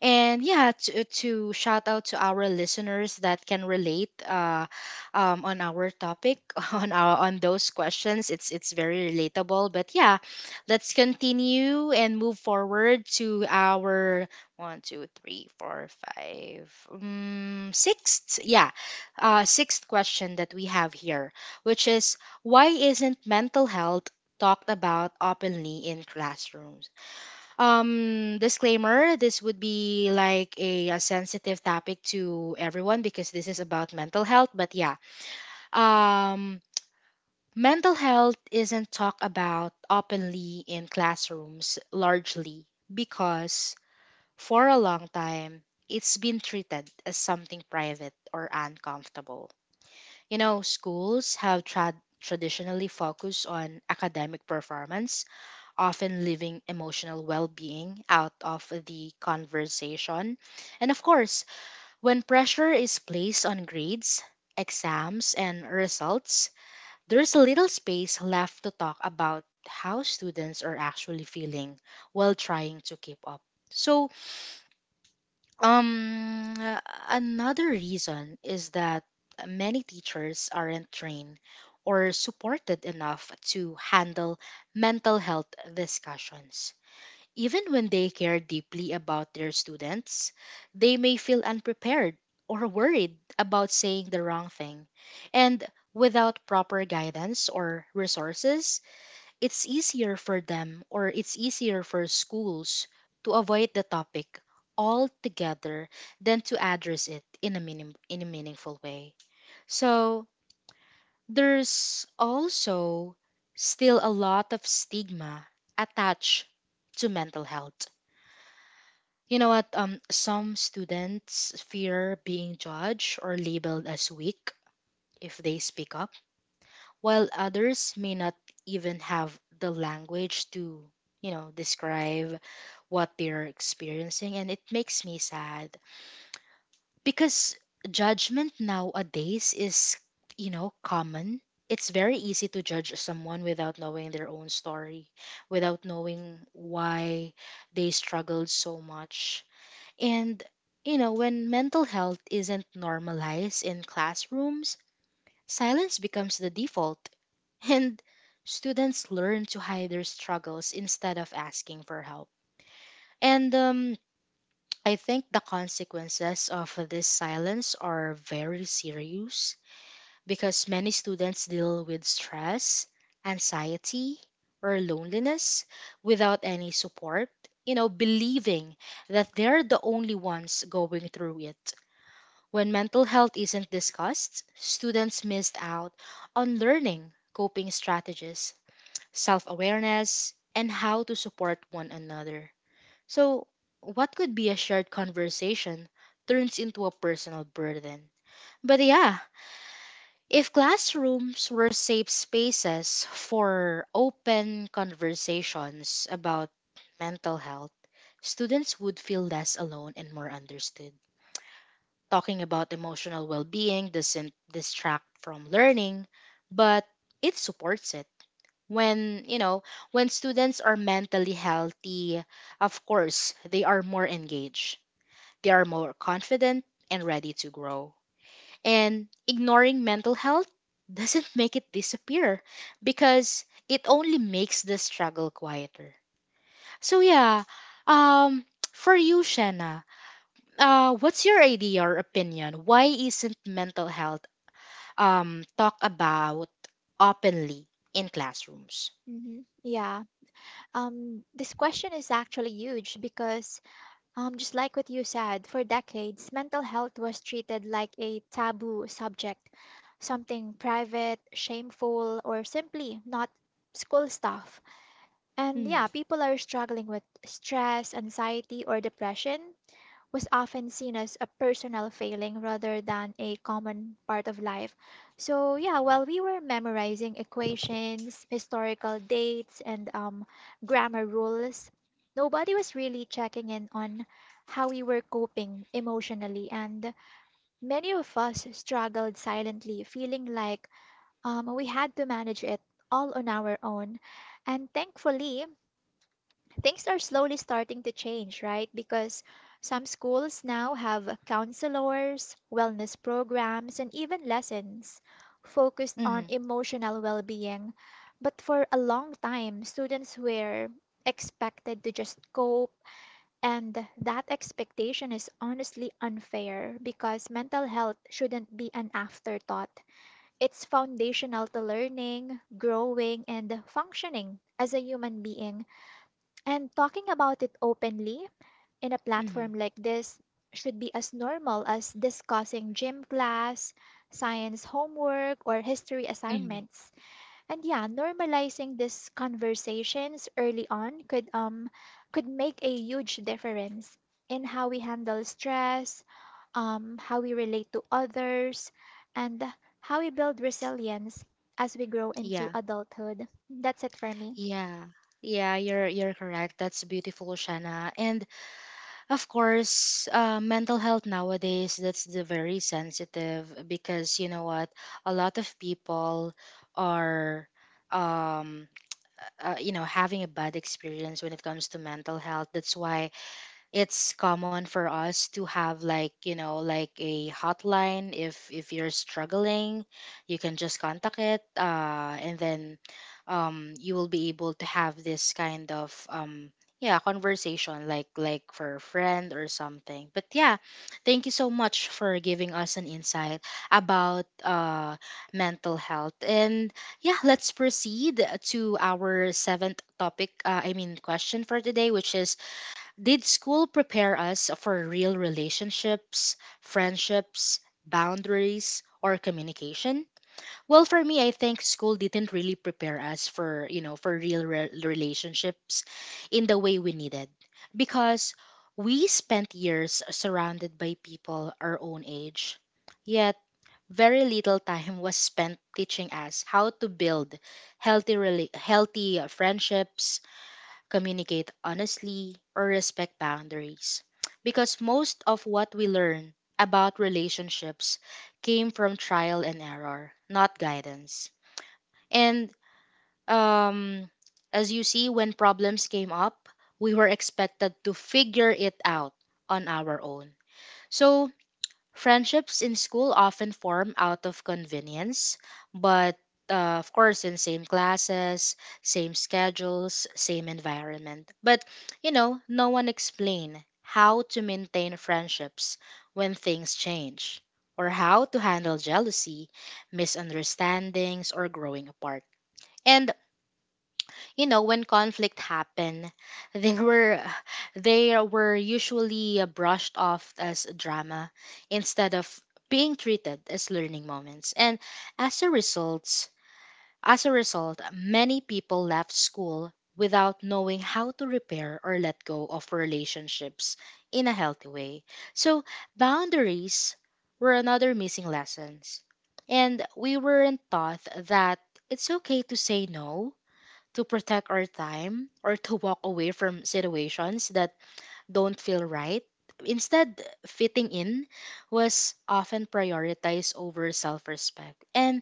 [SPEAKER 1] And yeah, to, to shout out to our listeners that can relate, uh, um, on our topic, on our on those questions. It's it's very relatable. But yeah, let's continue and move forward to our one, two, three, four, five, um, sixth. Yeah, uh, sixth question that we have here, which is, why isn't mental health talked about openly in classrooms? Um, disclaimer, this would be like a, a sensitive topic to everyone, because this is about mental health. But yeah, um, mental health isn't talked about openly in classrooms largely because for a long time, it's been treated as something private or uncomfortable. You know, schools have trad traditionally focused on academic performance, often leaving emotional well being out of the conversation. And of course, when pressure is placed on grades, exams, and results, there's little space left to talk about how students are actually feeling while trying to keep up. So, um, uh, another reason is that many teachers aren't trained or supported enough to handle mental health discussions. Even when they care deeply about their students, they may feel unprepared or worried about saying the wrong thing. And without proper guidance or resources, it's easier for them, or it's easier for schools, to avoid the topic altogether than to address it in a, minim- in a meaningful way. So there's also still a lot of stigma attached to mental health. You know what? Um, some students fear being judged or labeled as weak if they speak up, while others may not even have the language to, you know, describe what they're experiencing. And it makes me sad because judgment nowadays is, you know, common. It's very easy to judge someone without knowing their own story, without knowing why they struggled so much. And, you know, when mental health isn't normalized in classrooms, silence becomes the default, and students learn to hide their struggles instead of asking for help. And um, I think the consequences of this silence are very serious because many students deal with stress, anxiety, or loneliness without any support, you know, believing that they're the only ones going through it. When mental health isn't discussed, students missed out on learning coping strategies, self awareness, and how to support one another. So, what could be a shared conversation turns into a personal burden. But yeah, if classrooms were safe spaces for open conversations about mental health, students would feel less alone and more understood. Talking about emotional well being doesn't distract from learning, but it supports it. When, you know, when students are mentally healthy, of course, they are more engaged, they are more confident and ready to grow. And ignoring mental health doesn't make it disappear, because it only makes the struggle quieter. So yeah, um for you, Shanna, uh, what's your idea or opinion? Why isn't mental health um talked about openly in classrooms?
[SPEAKER 2] hmm Yeah. Um, this question is actually huge because Um, just like what you said, for decades, mental health was treated like a taboo subject, something private, shameful, or simply not school stuff. And
[SPEAKER 1] Mm,
[SPEAKER 2] yeah, people are struggling with stress, anxiety, or depression was often seen as a personal failing rather than a common part of life. So, yeah, while we were memorizing equations, historical dates, and um, grammar rules, nobody was really checking in on how we were coping emotionally. And many of us struggled silently, feeling like um, we had to manage it all on our own. And thankfully, things are slowly starting to change, right? Because some schools now have counselors, wellness programs, and even lessons focused
[SPEAKER 1] hmm,
[SPEAKER 2] on
[SPEAKER 1] mm-hmm,
[SPEAKER 2] emotional well being. But for a long time, students were expected to just cope, and that expectation is honestly unfair because mental health shouldn't be an afterthought. It's foundational to learning, growing, and functioning as a human being. And talking about it openly in a
[SPEAKER 1] mm-hmm.
[SPEAKER 2] platform like this should be as normal as discussing gym class, science homework, or history
[SPEAKER 1] Hmm.
[SPEAKER 2] assignments. And yeah, normalizing these conversations early on could um could make a huge difference in how we handle stress, um, how we relate to others, and how we build resilience as we grow into
[SPEAKER 1] Yeah,
[SPEAKER 2] adulthood. That's it for me.
[SPEAKER 1] yeah, yeah. You're you're correct. That's beautiful, Shana. And of course, uh, mental health nowadays, that's the very sensitive, because you know what, a lot of people are um uh, you know, having a bad experience when it comes to mental health. That's why it's common for us to have, like, you know, like a hotline. If if you're struggling, you can just contact it, uh, and then, um, you will be able to have this kind of, um, yeah, conversation, like like for a friend or something. But yeah, thank you so much for giving us an insight about, uh, mental health. And yeah, let's proceed to our seventh topic, uh, i mean question for today, which is, did school prepare us for real relationships, friendships, boundaries, or communication? Well, for me, I think school didn't really prepare us for, you know, for real re- relationships in the way we needed, because we spent years surrounded by people our own age. Yet, very little time was spent teaching us how to build healthy rela- healthy uh, friendships, communicate honestly, or respect boundaries. Because most of what we learn about relationships came from trial and error, not guidance. And um, as you see, when problems came up, we were expected to figure it out on our own. So friendships in school often form out of convenience, but, uh, of course, in same classes, same schedules, same environment. But, you know, no one explain how to maintain friendships when things change, or how to handle jealousy, misunderstandings, or growing apart. And, you know, when conflict happened, they were they were usually uh, brushed off as drama instead of being treated as learning moments. And as a result as a result many people left school without knowing how to repair or let go of relationships in a healthy way. So boundaries were another missing lessons, and we weren't taught that it's okay to say no, to protect our time or to walk away from situations that don't feel right. Instead, fitting in was often prioritized over self respect. And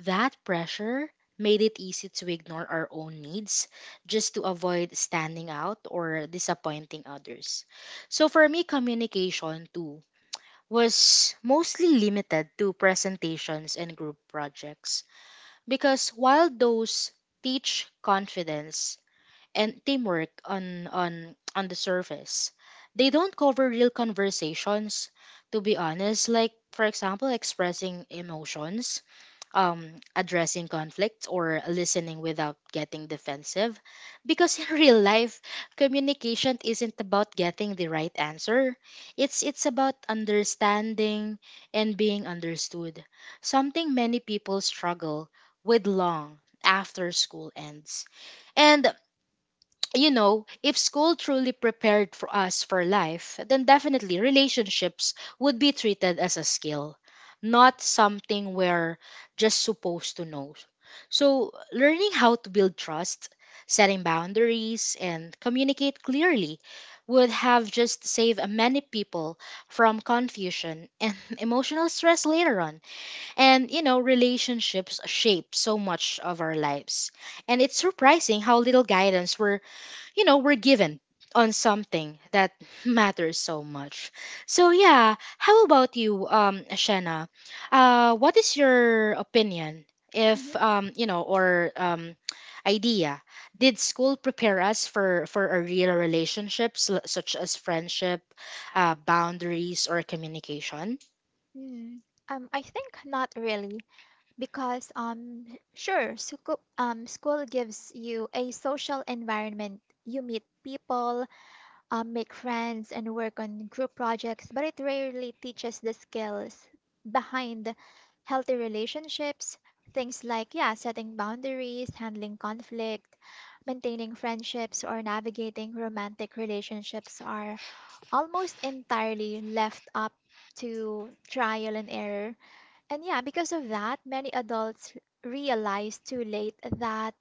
[SPEAKER 1] that pressure made it easy to ignore our own needs just to avoid standing out or disappointing others. So for me, communication too was mostly limited to presentations and group projects, because while those teach confidence and teamwork on on on the surface, they don't cover real conversations, to be honest, like, for example, expressing emotions, um, addressing conflict, or listening without getting defensive. Because in real life, communication isn't about getting the right answer. It's it's about understanding and being understood. Something many people struggle with long after school ends. And, you know, if school truly prepared for us for life, then definitely relationships would be treated as a skill, not something we're just supposed to know. So, learning how to build trust, setting boundaries, and communicate clearly would have just saved many people from confusion and emotional stress later on. And, you know, relationships shape so much of our lives. And it's surprising how little guidance we're you know, we're given on something that matters so much. So yeah, how about you, um, Shanna? Uh, what is your opinion if
[SPEAKER 2] Mhm.
[SPEAKER 1] um, you know, or um, idea? Did school prepare us for for a real relationships l- such as friendship, uh, boundaries, or communication?
[SPEAKER 2] Hmm. Um, I think not really, because um, sure, school um, school gives you a social environment. You meet people, um, make friends, and work on group projects, but it rarely teaches the skills behind healthy relationships. Things like, yeah, setting boundaries, handling conflict, maintaining friendships, or navigating romantic relationships are almost entirely left up to trial and error. And yeah, because of that, many adults realize too late that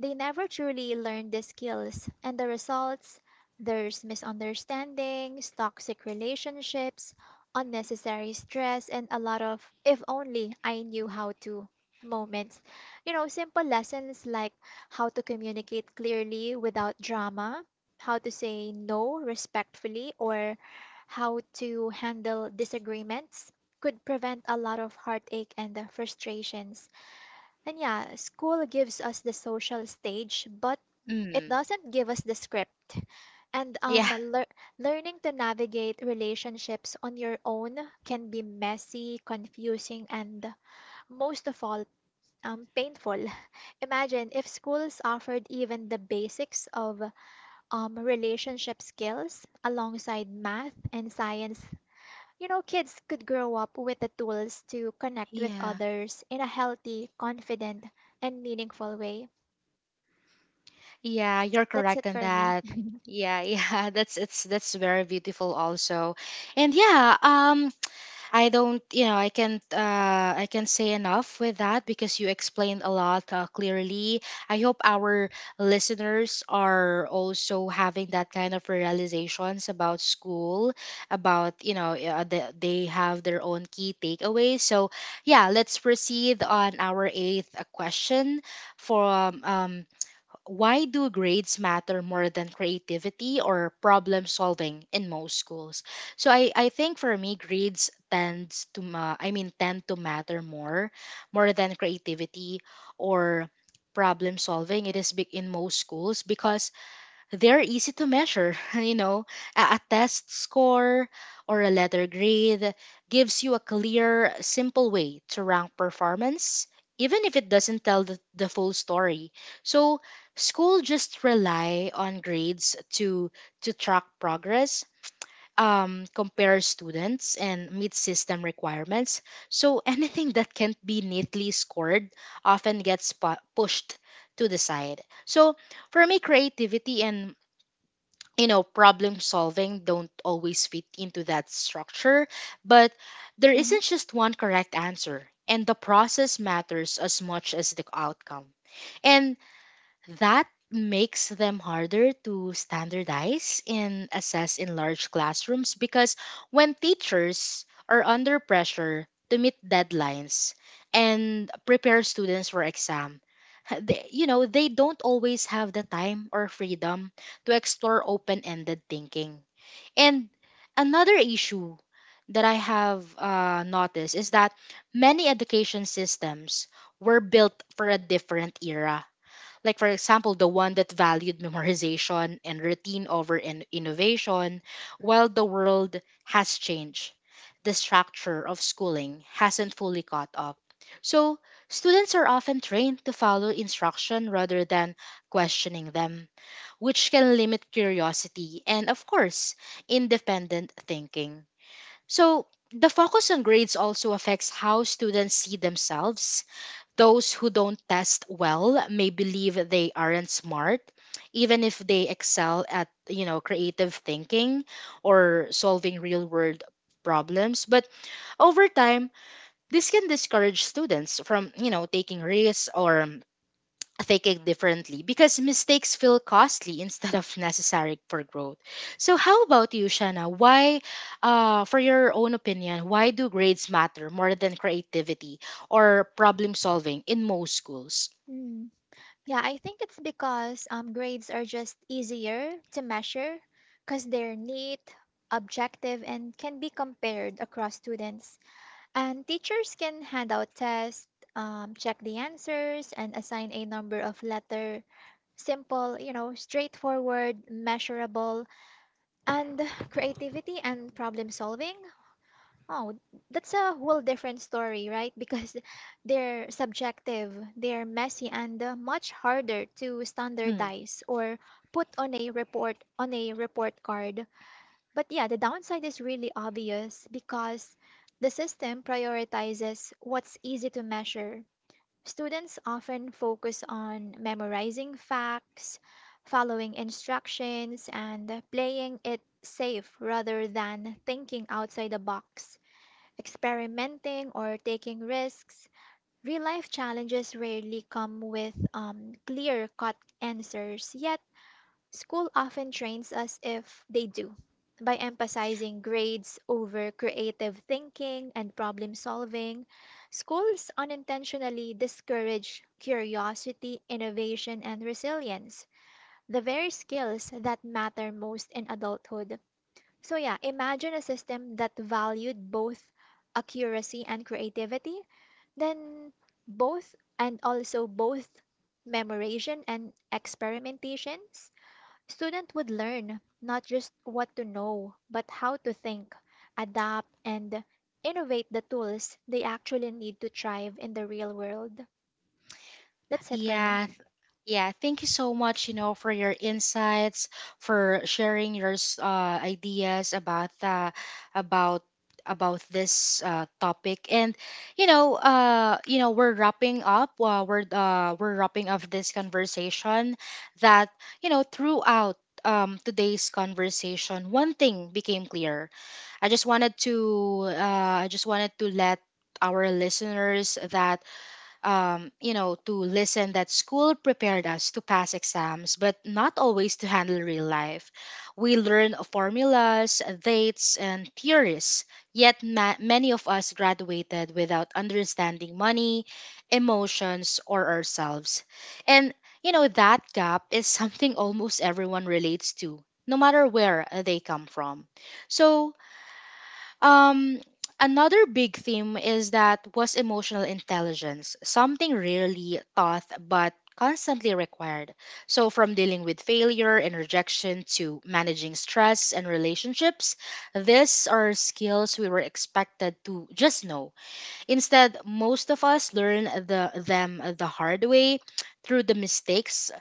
[SPEAKER 2] they never truly learn the skills, and the results there's misunderstandings, toxic relationships, unnecessary stress, and a lot of if only I knew how to moments. You know, simple lessons like how to communicate clearly without drama, how to say no respectfully, or how to handle disagreements could prevent a lot of heartache and uh, frustrations. And yeah, school gives us the social stage, but it
[SPEAKER 1] Mm.
[SPEAKER 2] doesn't give us the script. And
[SPEAKER 1] Yeah,
[SPEAKER 2] um, lear- learning to navigate relationships on your own can be messy, confusing, and most of all, um, painful. Imagine if schools offered even the basics of um, relationship skills alongside math and science. You know, kids could grow up with the tools to connect with
[SPEAKER 1] yeah,
[SPEAKER 2] others in a healthy, confident, and meaningful way.
[SPEAKER 1] yeah. You're
[SPEAKER 2] That's
[SPEAKER 1] correct
[SPEAKER 2] it
[SPEAKER 1] in
[SPEAKER 2] for me.
[SPEAKER 1] that. Yeah, yeah, that's it's that's very beautiful also. And yeah, um I don't, you know, I can't, uh, I can't say enough with that because you explained a lot uh, clearly. I hope our listeners are also having that kind of realizations about school, about, you know, uh, the, they have their own key takeaways. So, yeah, let's proceed on our eighth uh, question from um, why do grades matter more than creativity or problem solving in most schools? so i, I think for me grades tends to ma- I mean tend to matter more more than creativity or problem solving. It is big in most schools because they're easy to measure. You know, a, a test score or a letter grade gives you a clear, simple way to rank performance, even if it doesn't tell the, the full story. So, school just rely on grades to to track progress. Um, compare students and meet system requirements. So anything that can't be neatly scored often gets pu- pushed to the side. So for me, creativity and you know problem solving don't always fit into that structure, but there
[SPEAKER 2] Mhm.
[SPEAKER 1] isn't just one correct answer and the process matters as much as the outcome, and that makes them harder to standardize and assess in large classrooms because when teachers are under pressure to meet deadlines and prepare students for exam, they, you know, they don't always have the time or freedom to explore open-ended thinking. And another issue that I have uh, noticed is that many education systems were built for a different era, like, for example, the one that valued memorization and routine over in- innovation, while the world has changed, the structure of schooling hasn't fully caught up. So, students are often trained to follow instruction rather than questioning them, which can limit curiosity and, of course, independent thinking. So, the focus on grades also affects how students see themselves. Those who don't test well may believe they aren't smart, even if they excel at, you know, creative thinking or solving real-world problems. But over time, this can discourage students from, you know, taking risks or thinking differently because mistakes feel costly instead of necessary for growth. So how about you, Shanna? Why, uh, for your own opinion, why do grades matter more than creativity or problem solving in most schools?
[SPEAKER 2] Mm. Yeah, I think it's because um, grades are just easier to measure because they're neat, objective, and can be compared across students. And teachers can hand out tests, um, check the answers, and assign a number of letter. Simple, you know, straightforward, measurable, and creativity and problem solving. Oh, that's a whole different story, right? Because they're subjective, they're messy, and uh, much harder to
[SPEAKER 1] Hmm.
[SPEAKER 2] standardize or put on a report on a report card. But yeah, the downside is really obvious because the system prioritizes what's easy to measure. Students often focus on memorizing facts, following instructions, and playing it safe rather than thinking outside the box, experimenting, or taking risks. Real life challenges rarely come with um, clear cut answers, yet school often trains us if they do by emphasizing grades over creative thinking and problem solving. Schools unintentionally discourage curiosity, innovation, and resilience, the very skills that matter most in adulthood. So yeah, imagine a system that valued both accuracy and creativity, then both and also both memorization and experimentations. Student would learn not just what to know, but how to think, adapt, and innovate the tools they actually need to thrive in the real world. That's it for me.
[SPEAKER 1] Yeah. Yeah, thank you so much, you know, for your insights, for sharing your s- uh, ideas about uh, about about this uh, topic. And you know, uh, you know, we're wrapping up. Uh, we're uh, we're wrapping up this conversation. That you know, Throughout um, today's conversation, one thing became clear. I just wanted to uh, I just wanted to let our listeners that um, you know, to listen that school prepared us to pass exams, but not always to handle real life. We learn formulas, dates, and theories, yet ma- many of us graduated without understanding money, emotions, or ourselves. And, you know, that gap is something almost everyone relates to, no matter where they come from. So, um, another big theme is that was emotional intelligence, something rarely taught but constantly required. So, from dealing with failure and rejection to managing stress and relationships, these are skills we were expected to just know. Instead, most of us learn the, them the hard way through the mistakes,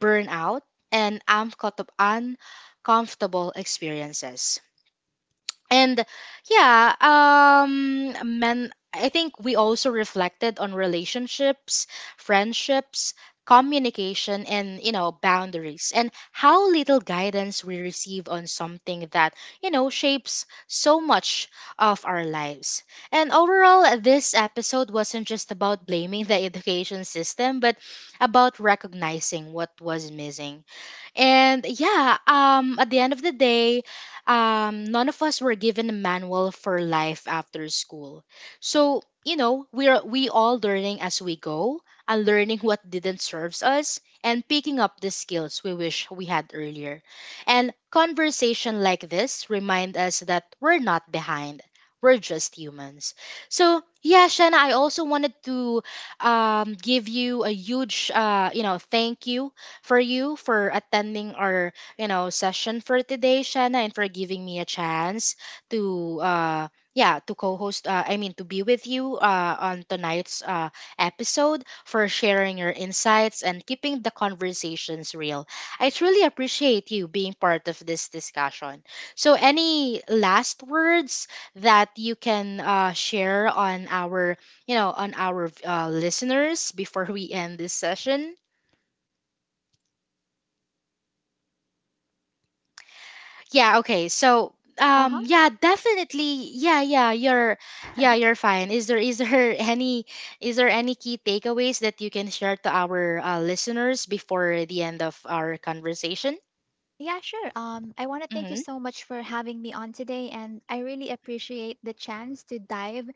[SPEAKER 1] burnout, and uncomfort- uncomfortable experiences. And yeah, um men I think we also reflected on relationships, friendships, communication, and you know boundaries, and how little guidance we receive on something that you know shapes so much of our lives. And overall, this episode wasn't just about blaming the education system, but about recognizing what was missing. And yeah, um, at the end of the day, um, none of us were given a manual for life after school. So you know, we're we all learning as we go, and learning what didn't serves us, and picking up the skills we wish we had earlier. And conversation like this remind us that we're not behind. We're just humans. So yeah, Shanna, I also wanted to um, give you a huge, uh, you know, thank you for you for attending our, you know, session for today, Shanna, and for giving me a chance to uh yeah, to co-host, uh, I mean to be with you uh on tonight's uh episode, for sharing your insights and keeping the conversations real. I truly appreciate you being part of this discussion. So any last words that you can uh, share on our you know on our uh, listeners before we end this session? Yeah, okay. So,
[SPEAKER 2] Uh-huh.
[SPEAKER 1] um yeah, definitely. Yeah, yeah, you're yeah, you're fine. Is there is there any, is there any key takeaways that you can share to our uh, listeners before the end of our conversation?
[SPEAKER 2] Yeah, sure. Um, I want to thank you
[SPEAKER 1] Mhm.
[SPEAKER 2] so much for having me on today, and I really appreciate the chance to dive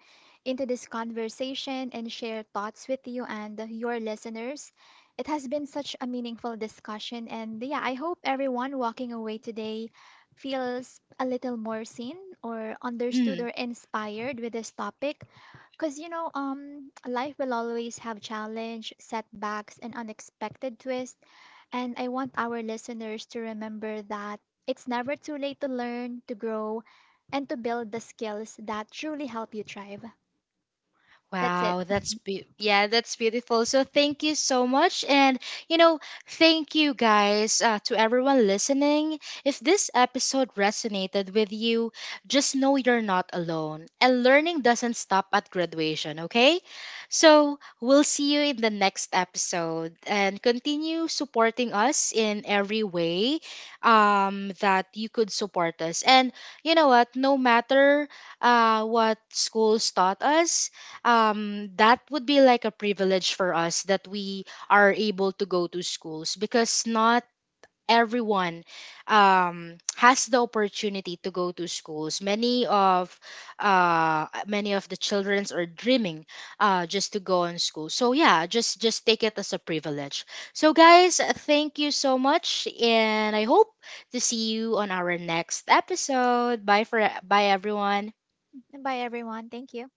[SPEAKER 2] into this conversation and share thoughts with you and your listeners. It has been such a meaningful discussion, and yeah, I hope everyone walking away today feels a little more seen or understood
[SPEAKER 1] Mhm.
[SPEAKER 2] or inspired with this topic. Because, you know, um, life will always have challenge, setbacks, and unexpected twists and I want our listeners to remember that it's never too late to learn, to grow, and to build the skills that truly help you thrive. That's it.
[SPEAKER 1] Wow, that's be- yeah, that's beautiful. So thank you so much. And you know, thank you guys, uh, to everyone listening. If this episode resonated with you, just know you're not alone and learning doesn't stop at graduation, okay? So, we'll see you in the next episode, and continue supporting us in every way um that you could support us. And you know what, no matter uh what schools taught us, um that would be like a privilege for us that we are able to go to schools, because not everyone um has the opportunity to go to schools. Many of uh many of the childrens are dreaming uh just to go on school. So yeah, just just take it as a privilege. So guys, thank you so much, and I hope to see you on our next episode. Bye for bye everyone.
[SPEAKER 2] Bye, everyone. Thank you.